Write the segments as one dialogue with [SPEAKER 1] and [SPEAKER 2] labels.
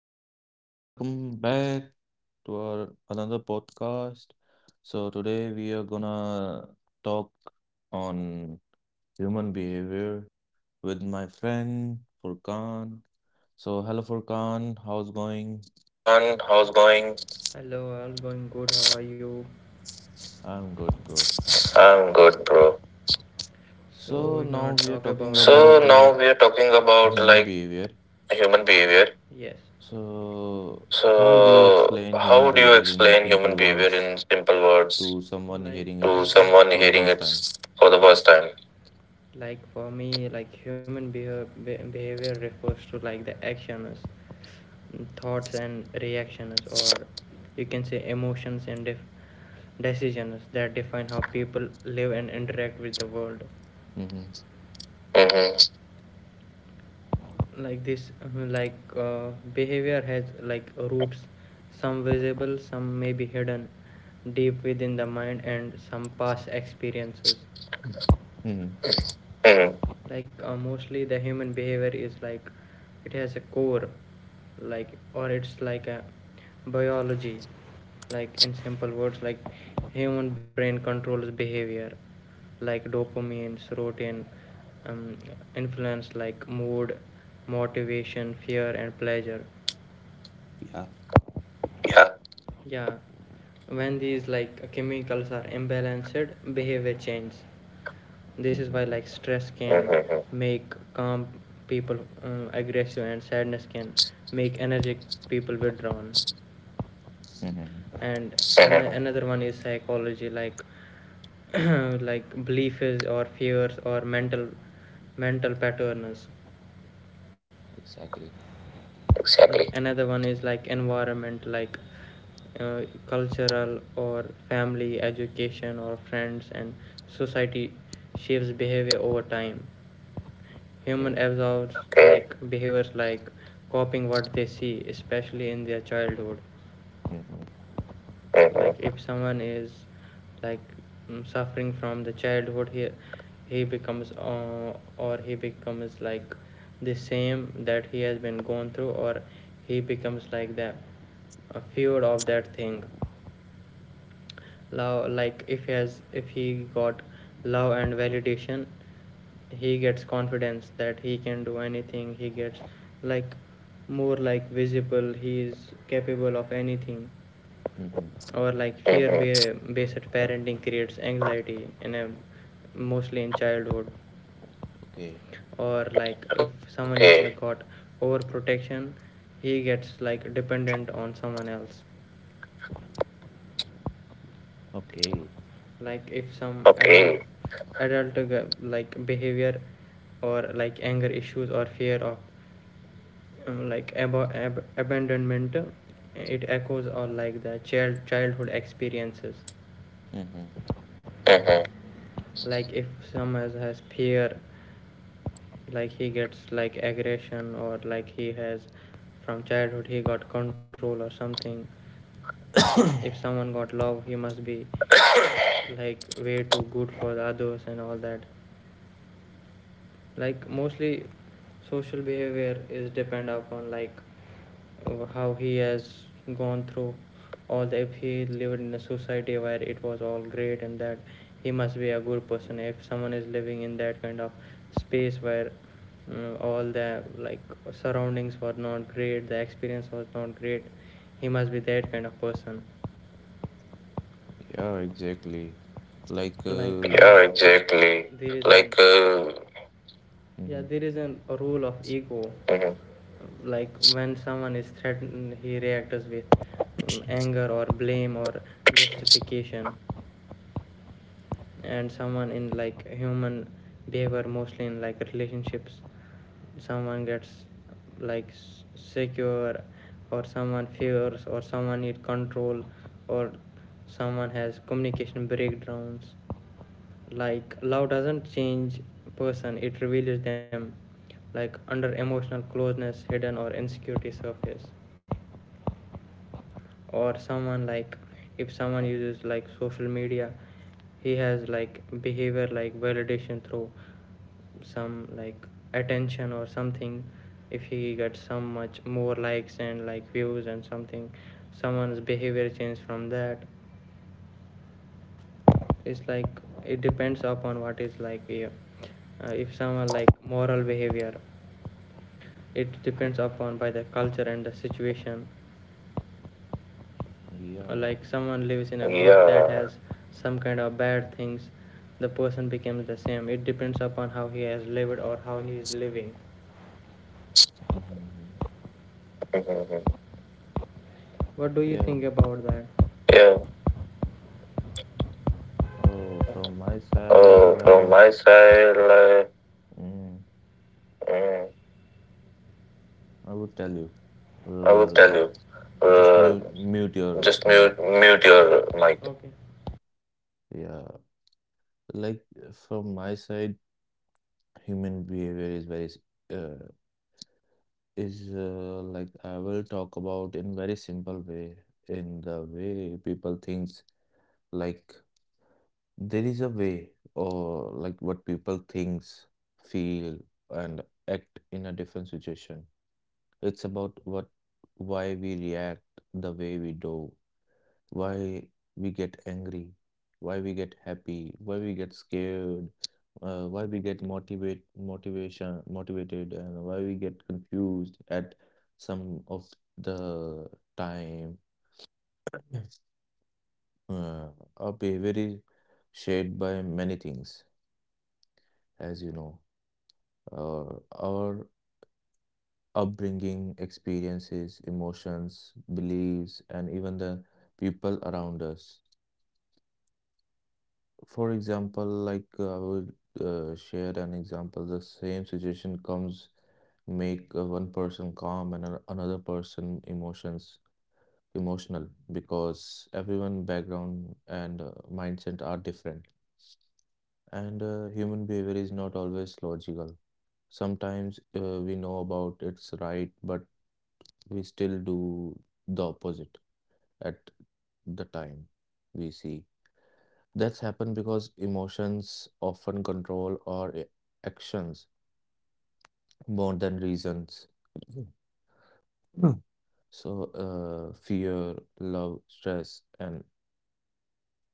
[SPEAKER 1] So, hello, hello, hello, welcome back to our another podcast. So, today we are gonna talk on human behavior with my friend Furkan. So, hello, Furkan, how's
[SPEAKER 2] John,
[SPEAKER 1] going?
[SPEAKER 2] how's going?
[SPEAKER 1] I'm good,
[SPEAKER 2] I'm
[SPEAKER 1] bro.
[SPEAKER 2] good, bro.
[SPEAKER 1] So,
[SPEAKER 2] So
[SPEAKER 1] now we are
[SPEAKER 2] now we are
[SPEAKER 1] talking
[SPEAKER 2] talking
[SPEAKER 1] about
[SPEAKER 2] about
[SPEAKER 1] like
[SPEAKER 2] like
[SPEAKER 1] human
[SPEAKER 2] human
[SPEAKER 1] behavior.
[SPEAKER 2] behavior.
[SPEAKER 1] So,
[SPEAKER 2] So
[SPEAKER 1] how
[SPEAKER 2] how
[SPEAKER 1] would
[SPEAKER 2] would you
[SPEAKER 1] you explain
[SPEAKER 2] explain human
[SPEAKER 1] human
[SPEAKER 2] behavior
[SPEAKER 1] behavior
[SPEAKER 2] in
[SPEAKER 1] in
[SPEAKER 2] simple
[SPEAKER 1] simple
[SPEAKER 2] words
[SPEAKER 1] words
[SPEAKER 2] to
[SPEAKER 1] to
[SPEAKER 2] someone
[SPEAKER 1] someone
[SPEAKER 2] hearing
[SPEAKER 1] hearing
[SPEAKER 2] it
[SPEAKER 1] it for
[SPEAKER 2] for the
[SPEAKER 1] the
[SPEAKER 2] first
[SPEAKER 1] first
[SPEAKER 2] time?
[SPEAKER 1] time?
[SPEAKER 2] Mm-hmm.
[SPEAKER 1] Mm-hmm.
[SPEAKER 2] Mm-hmm.
[SPEAKER 1] Yeah.
[SPEAKER 2] Yeah.
[SPEAKER 1] Mm-hmm.
[SPEAKER 2] Mm-hmm.
[SPEAKER 1] Mm-hmm. Exactly. Okay.
[SPEAKER 2] Mm. Like
[SPEAKER 1] Mm-hmm.
[SPEAKER 2] Mm-hmm.
[SPEAKER 1] Mm-hmm. Okay. Okay.
[SPEAKER 2] Mm-hmm.
[SPEAKER 1] Mm-hmm. Yeah, exactly. Like, uh,
[SPEAKER 2] an,
[SPEAKER 1] mm-hmm.
[SPEAKER 2] mhm,
[SPEAKER 1] Yeah.
[SPEAKER 2] yeah,
[SPEAKER 1] Mm-hmm.
[SPEAKER 2] mhm.
[SPEAKER 1] Yeah.
[SPEAKER 2] yeah.
[SPEAKER 1] Oh,
[SPEAKER 2] Oh,
[SPEAKER 1] from
[SPEAKER 2] from my
[SPEAKER 1] my side,
[SPEAKER 2] side, like, mm,
[SPEAKER 1] mm, I
[SPEAKER 2] I will
[SPEAKER 1] would tell
[SPEAKER 2] tell
[SPEAKER 1] you,
[SPEAKER 2] you.
[SPEAKER 1] uh,
[SPEAKER 2] Uh, just
[SPEAKER 1] just mute
[SPEAKER 2] mute
[SPEAKER 1] mute
[SPEAKER 2] your
[SPEAKER 1] your
[SPEAKER 2] mic.
[SPEAKER 1] mic. Yeah, like from my side, human behavior is very uh, is like I will talk about in very simple way, in the way people thinks. Like there is a way, or like what people thinks, feel, and act in a different situation. It's about what, why we react the way we do, why we get angry, why we get happy, why we get scared, why we get motivated, and why we get confused at some of the time. Uh, our behavior is shaped by many things, as you know, uh, our upbringing, experiences, emotions, beliefs, and even the people around us. For example, I would share an example. The same situation comes make one person calm and another person emotions emotional because everyone background and mindset are different. And human behavior is not always logical. Sometimes we know about it's right, but we still do the opposite at the time we see. That's happened because emotions often control our actions more than reasons. Mm. So, fear, love, stress, and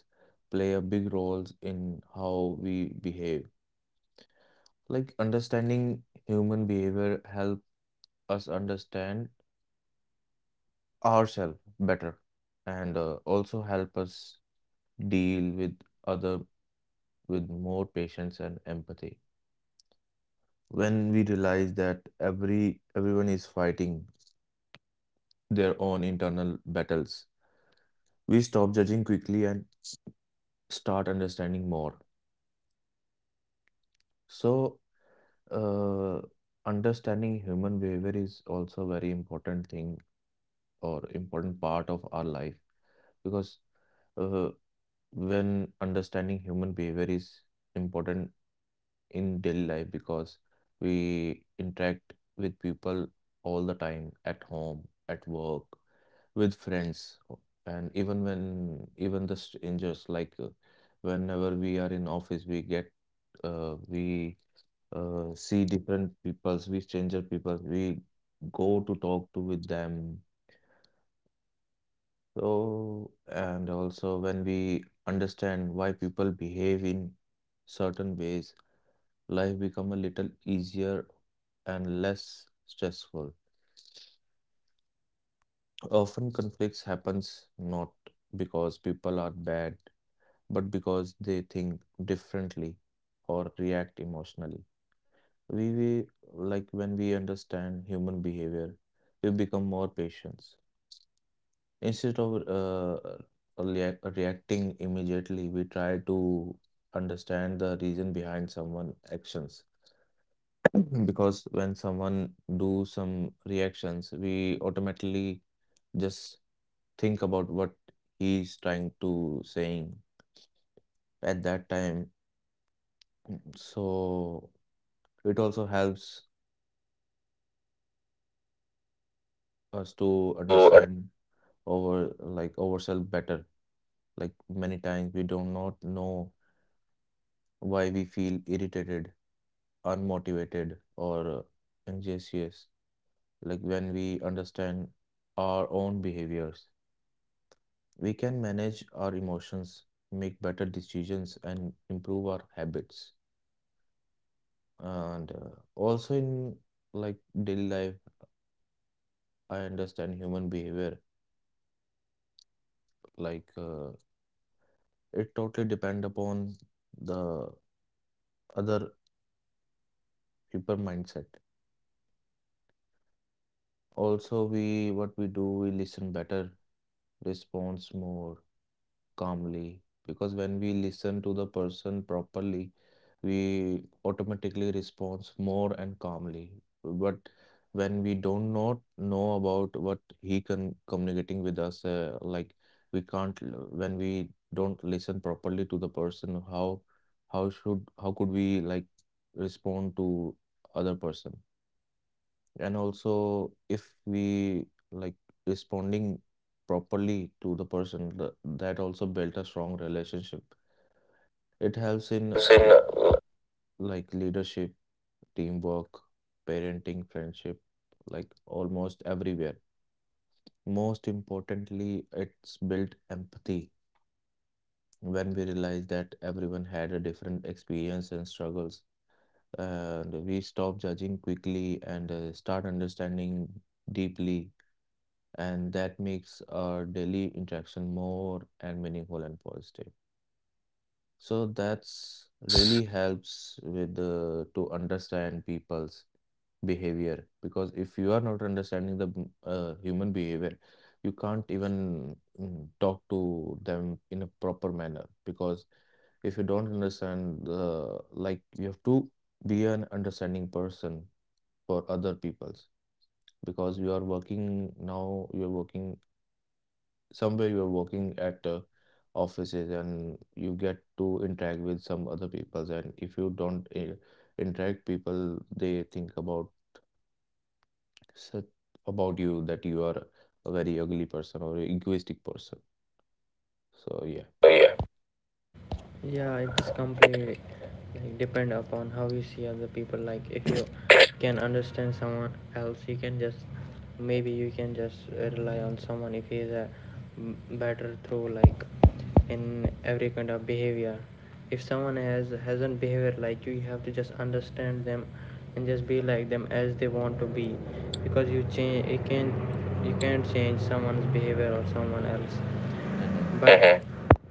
[SPEAKER 1] the kind of happiness play a big roles in how we behave. Like understanding human behavior help us understand ourselves better, and also help us deal with other with more patience and empathy. When we realize that everyone is fighting their own internal battles, we stop judging quickly and start understanding more. So, uh, understanding human behavior is also very important thing or important part of our life because uh, when understanding human behavior is important in daily life because we interact with people all the time at home, at work with friends o- and even when even the strangers whenever we are in office we get we see different peoples we stranger people we go to talk to with them, so and also when we understand why people behave in certain ways life become a little easier and less stressful. Often conflicts happens not because people are bad but because they think differently or react emotionally. We Like when we understand human behavior, we become more patient. Instead of reacting immediately, we try to understand the reason behind someone actions. Because when someone do some reactions, we automatically just think about what he's trying to saying at that time. So it also helps
[SPEAKER 2] To
[SPEAKER 1] us to understand our like ourselves better. Like many times we do not know why we feel irritated, unmotivated, or anxious. Like when we understand our own behaviors, we can manage our emotions, make better decisions, and improve our habits. And also in like daily life, I understand human behavior like uh, it totally depend upon the other people mindset. Also, we what we do, we listen better, response more, calmly because when we listen to the person properly we automatically respond more and calmly. But when we don't not know about what he can communicating with us like we can't when we don't listen properly to the person how should how could we like respond to other person. And also if we like responding properly to the person, that also built a strong relationship.
[SPEAKER 2] have seen,
[SPEAKER 1] It helps in like leadership, teamwork, parenting, friendship, like almost everywhere. Most importantly it's built empathy. When we realize that everyone had a different experience and struggles, and we stop judging quickly and start understanding deeply, and that makes our daily interaction more and meaningful and positive. So
[SPEAKER 2] that's
[SPEAKER 1] that's really helps with the to understand people's behavior because if you are not understanding the human behavior, you can't even talk to them in a proper manner. Because if you don't understand the like you have to be an understanding person for other people's, because you are working now you're working somewhere, you are working at offices and you get to interact with some other peoples, and if you don't interact people they think about such about you that you are a very ugly person or a egoistic person,
[SPEAKER 2] so yeah.
[SPEAKER 1] so yeah.
[SPEAKER 2] Mhm,
[SPEAKER 1] Mm-hmm.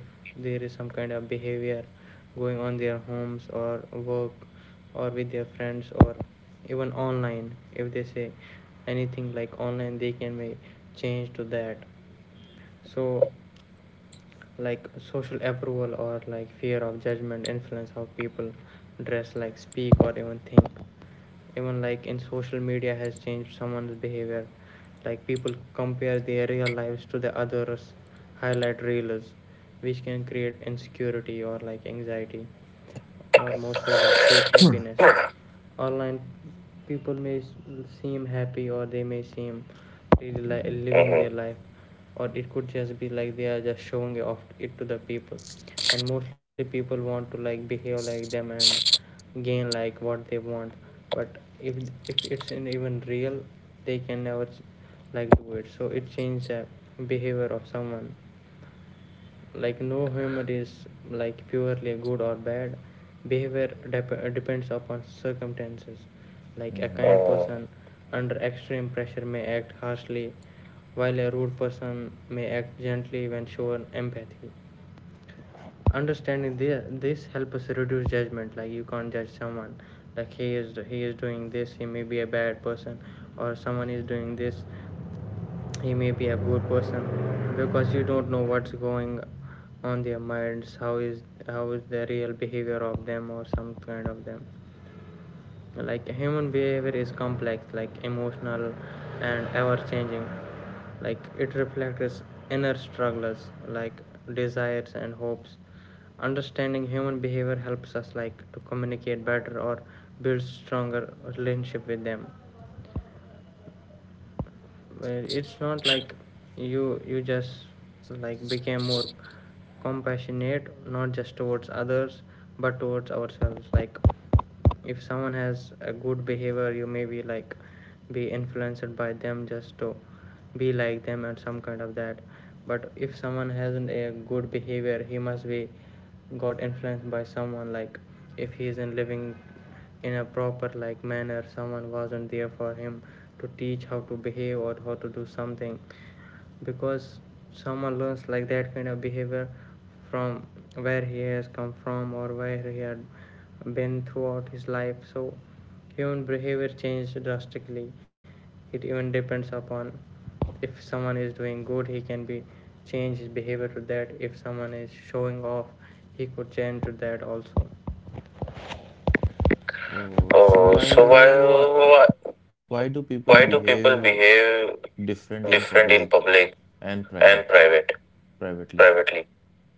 [SPEAKER 1] Mm-hmm. Mm-hmm. Hmm.
[SPEAKER 2] Oh, so
[SPEAKER 1] Oh,
[SPEAKER 2] why
[SPEAKER 1] so
[SPEAKER 2] why- why do
[SPEAKER 1] why
[SPEAKER 2] people
[SPEAKER 1] do people
[SPEAKER 2] behave
[SPEAKER 1] behave
[SPEAKER 2] different in
[SPEAKER 1] different in
[SPEAKER 2] public
[SPEAKER 1] public
[SPEAKER 2] and
[SPEAKER 1] and private
[SPEAKER 2] privately?
[SPEAKER 1] privately.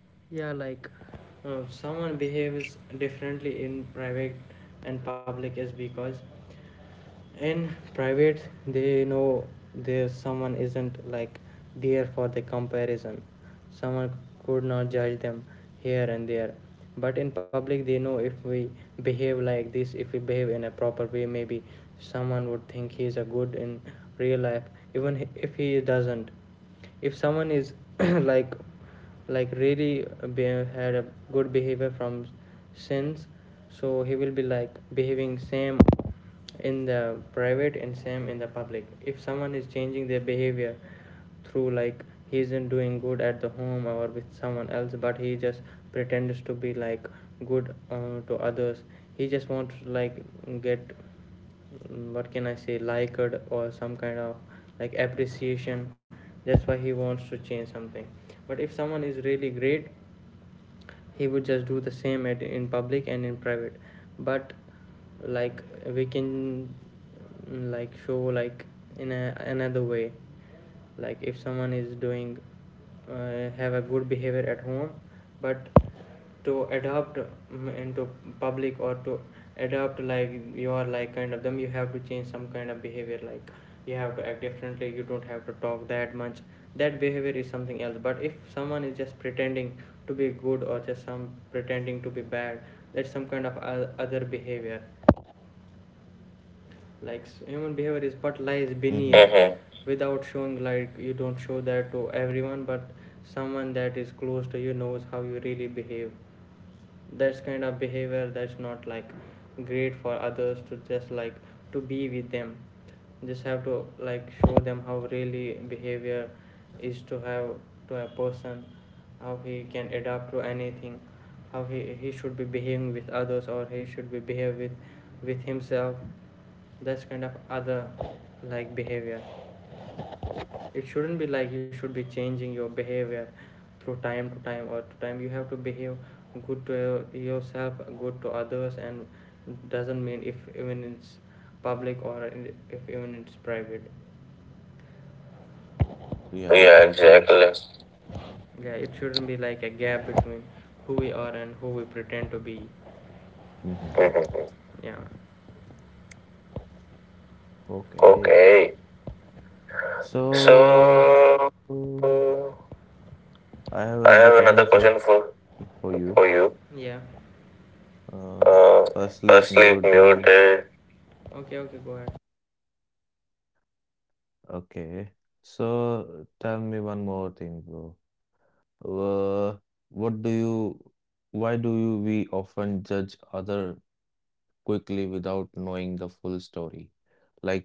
[SPEAKER 1] Mm-hmm.
[SPEAKER 2] Yeah,
[SPEAKER 1] Yeah,
[SPEAKER 2] exactly.
[SPEAKER 1] exactly.
[SPEAKER 2] Mhm.
[SPEAKER 1] Mm-hmm.
[SPEAKER 2] Okay.
[SPEAKER 1] Okay.
[SPEAKER 2] So
[SPEAKER 1] So I
[SPEAKER 2] I have another
[SPEAKER 1] have
[SPEAKER 2] question
[SPEAKER 1] another question
[SPEAKER 2] for you.
[SPEAKER 1] for you.
[SPEAKER 2] Uh,
[SPEAKER 1] Uh,
[SPEAKER 2] firstly,
[SPEAKER 1] firstly,
[SPEAKER 2] mule did
[SPEAKER 1] muted. Okay. So tell me one more thing, bro. Uh, what do you, why do you we often judge other quickly without knowing the full story?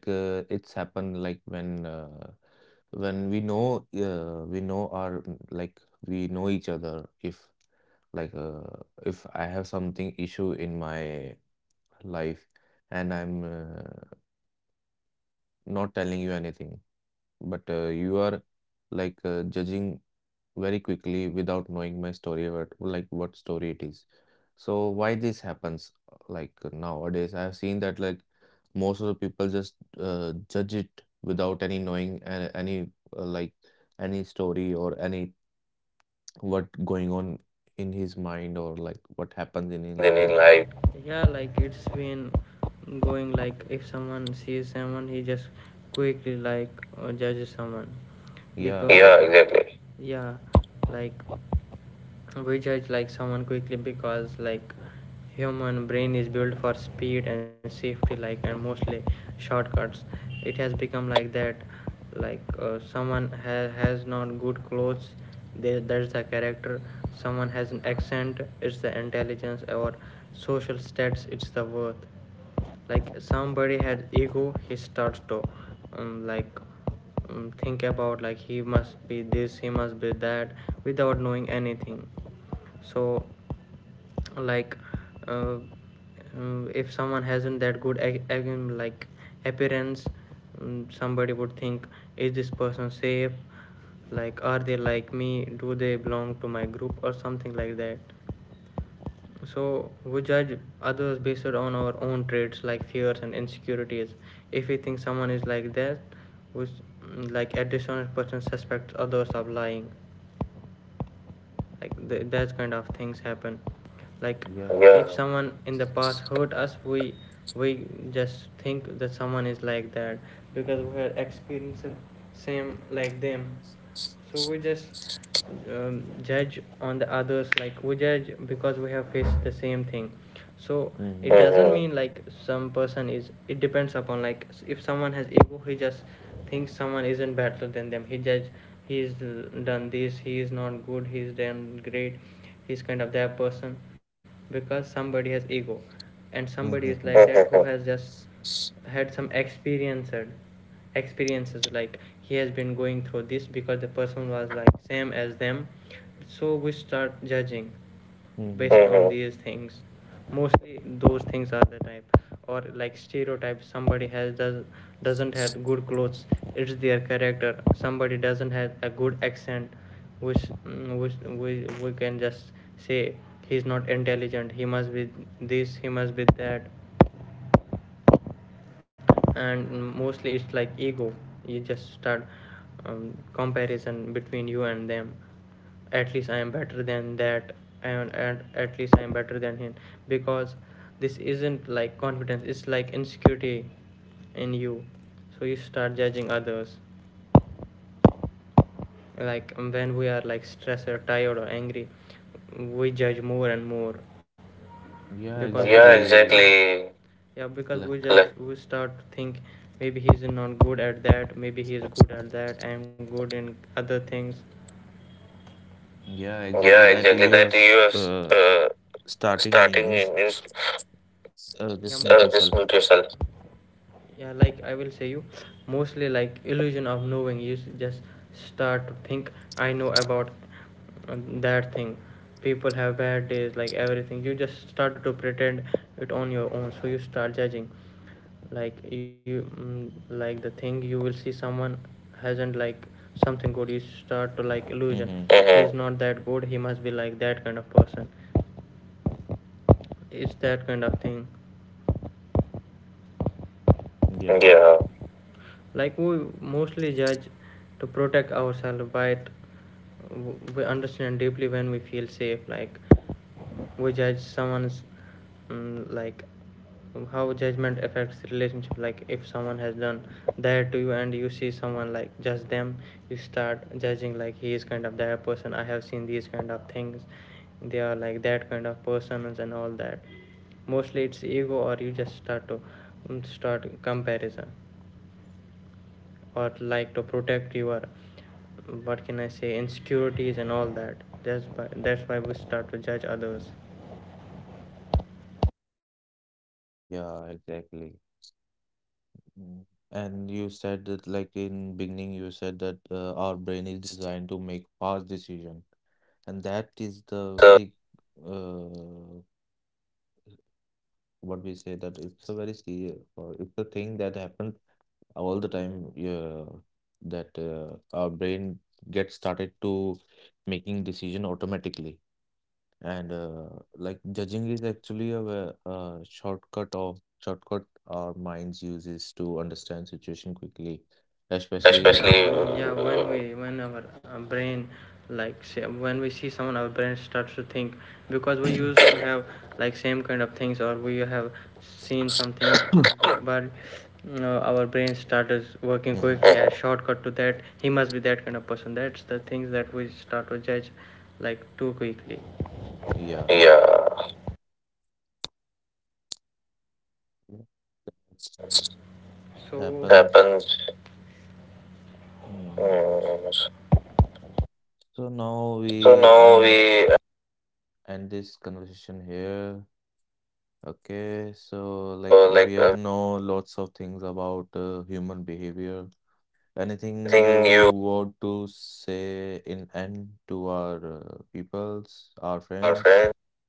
[SPEAKER 1] It's happened like when we know our like we know each other if. If I have something issue in my life and I'm not telling you anything, but you are like judging very quickly without knowing my story, what like what story it is. So why this happens? Like nowadays, I have seen that like most of the people just judge it without any knowing any like any story or any what going on in his mind or like what
[SPEAKER 2] happens
[SPEAKER 1] happens
[SPEAKER 2] in
[SPEAKER 1] in his
[SPEAKER 2] life.
[SPEAKER 1] life. Yeah,
[SPEAKER 2] Exactly.
[SPEAKER 1] exactly. Yeah. Mm-hmm. Mm-hmm. Mm-hmm. Yeah, exactly. Like,
[SPEAKER 2] Like,
[SPEAKER 1] yeah,
[SPEAKER 2] yeah,
[SPEAKER 1] exactly.
[SPEAKER 2] exactly
[SPEAKER 1] That
[SPEAKER 2] that
[SPEAKER 1] you
[SPEAKER 2] you
[SPEAKER 1] have
[SPEAKER 2] have, uh,
[SPEAKER 1] starting
[SPEAKER 2] starting
[SPEAKER 1] in
[SPEAKER 2] in
[SPEAKER 1] is
[SPEAKER 2] this
[SPEAKER 1] just
[SPEAKER 2] just
[SPEAKER 1] mute
[SPEAKER 2] mute
[SPEAKER 1] yourself.
[SPEAKER 2] yourself.
[SPEAKER 1] Mm-hmm.
[SPEAKER 2] Mhm. Yeah, it
[SPEAKER 1] Yeah. Yeah, exactly. Mm. And you said that like in beginning you said that our brain is designed to make fast decision, and that
[SPEAKER 2] is
[SPEAKER 1] is
[SPEAKER 2] the,
[SPEAKER 1] the very uh what we say that it's a very serious or it's a thing that happens all the time. Yeah, that our brain gets started to making decision automatically,
[SPEAKER 2] and
[SPEAKER 1] and
[SPEAKER 2] uh,
[SPEAKER 1] like judging is actually a shortcut of shortcut our minds uses to understand situation quickly,
[SPEAKER 2] especially
[SPEAKER 1] especially. uh, mhm, yeah
[SPEAKER 2] yeah
[SPEAKER 1] it happens.
[SPEAKER 2] happens.
[SPEAKER 1] Mm.
[SPEAKER 2] Mm.
[SPEAKER 1] So now
[SPEAKER 2] So now
[SPEAKER 1] we
[SPEAKER 2] we,
[SPEAKER 1] end end this conversation here. Okay,
[SPEAKER 2] uh,
[SPEAKER 1] so
[SPEAKER 2] like uh,
[SPEAKER 1] we all know lots of things about human behavior.
[SPEAKER 2] anything
[SPEAKER 1] Anything
[SPEAKER 2] you,
[SPEAKER 1] you want to say in end to our peoples, our
[SPEAKER 2] our friends.
[SPEAKER 1] friends?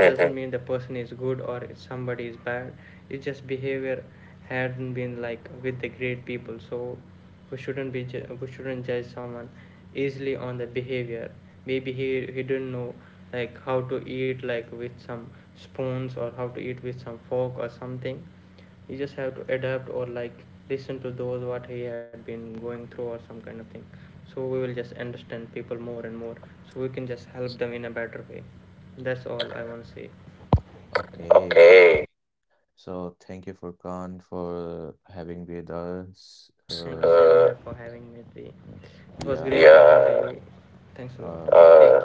[SPEAKER 1] Hmm.
[SPEAKER 2] Okay.
[SPEAKER 1] Okay, so thank you Furkan for having with us.
[SPEAKER 2] Thank
[SPEAKER 1] Yeah, uh,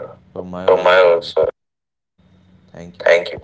[SPEAKER 1] from
[SPEAKER 2] care. My
[SPEAKER 1] my also,
[SPEAKER 2] also.
[SPEAKER 1] yeah.
[SPEAKER 2] Thank
[SPEAKER 1] Thank you.
[SPEAKER 2] you.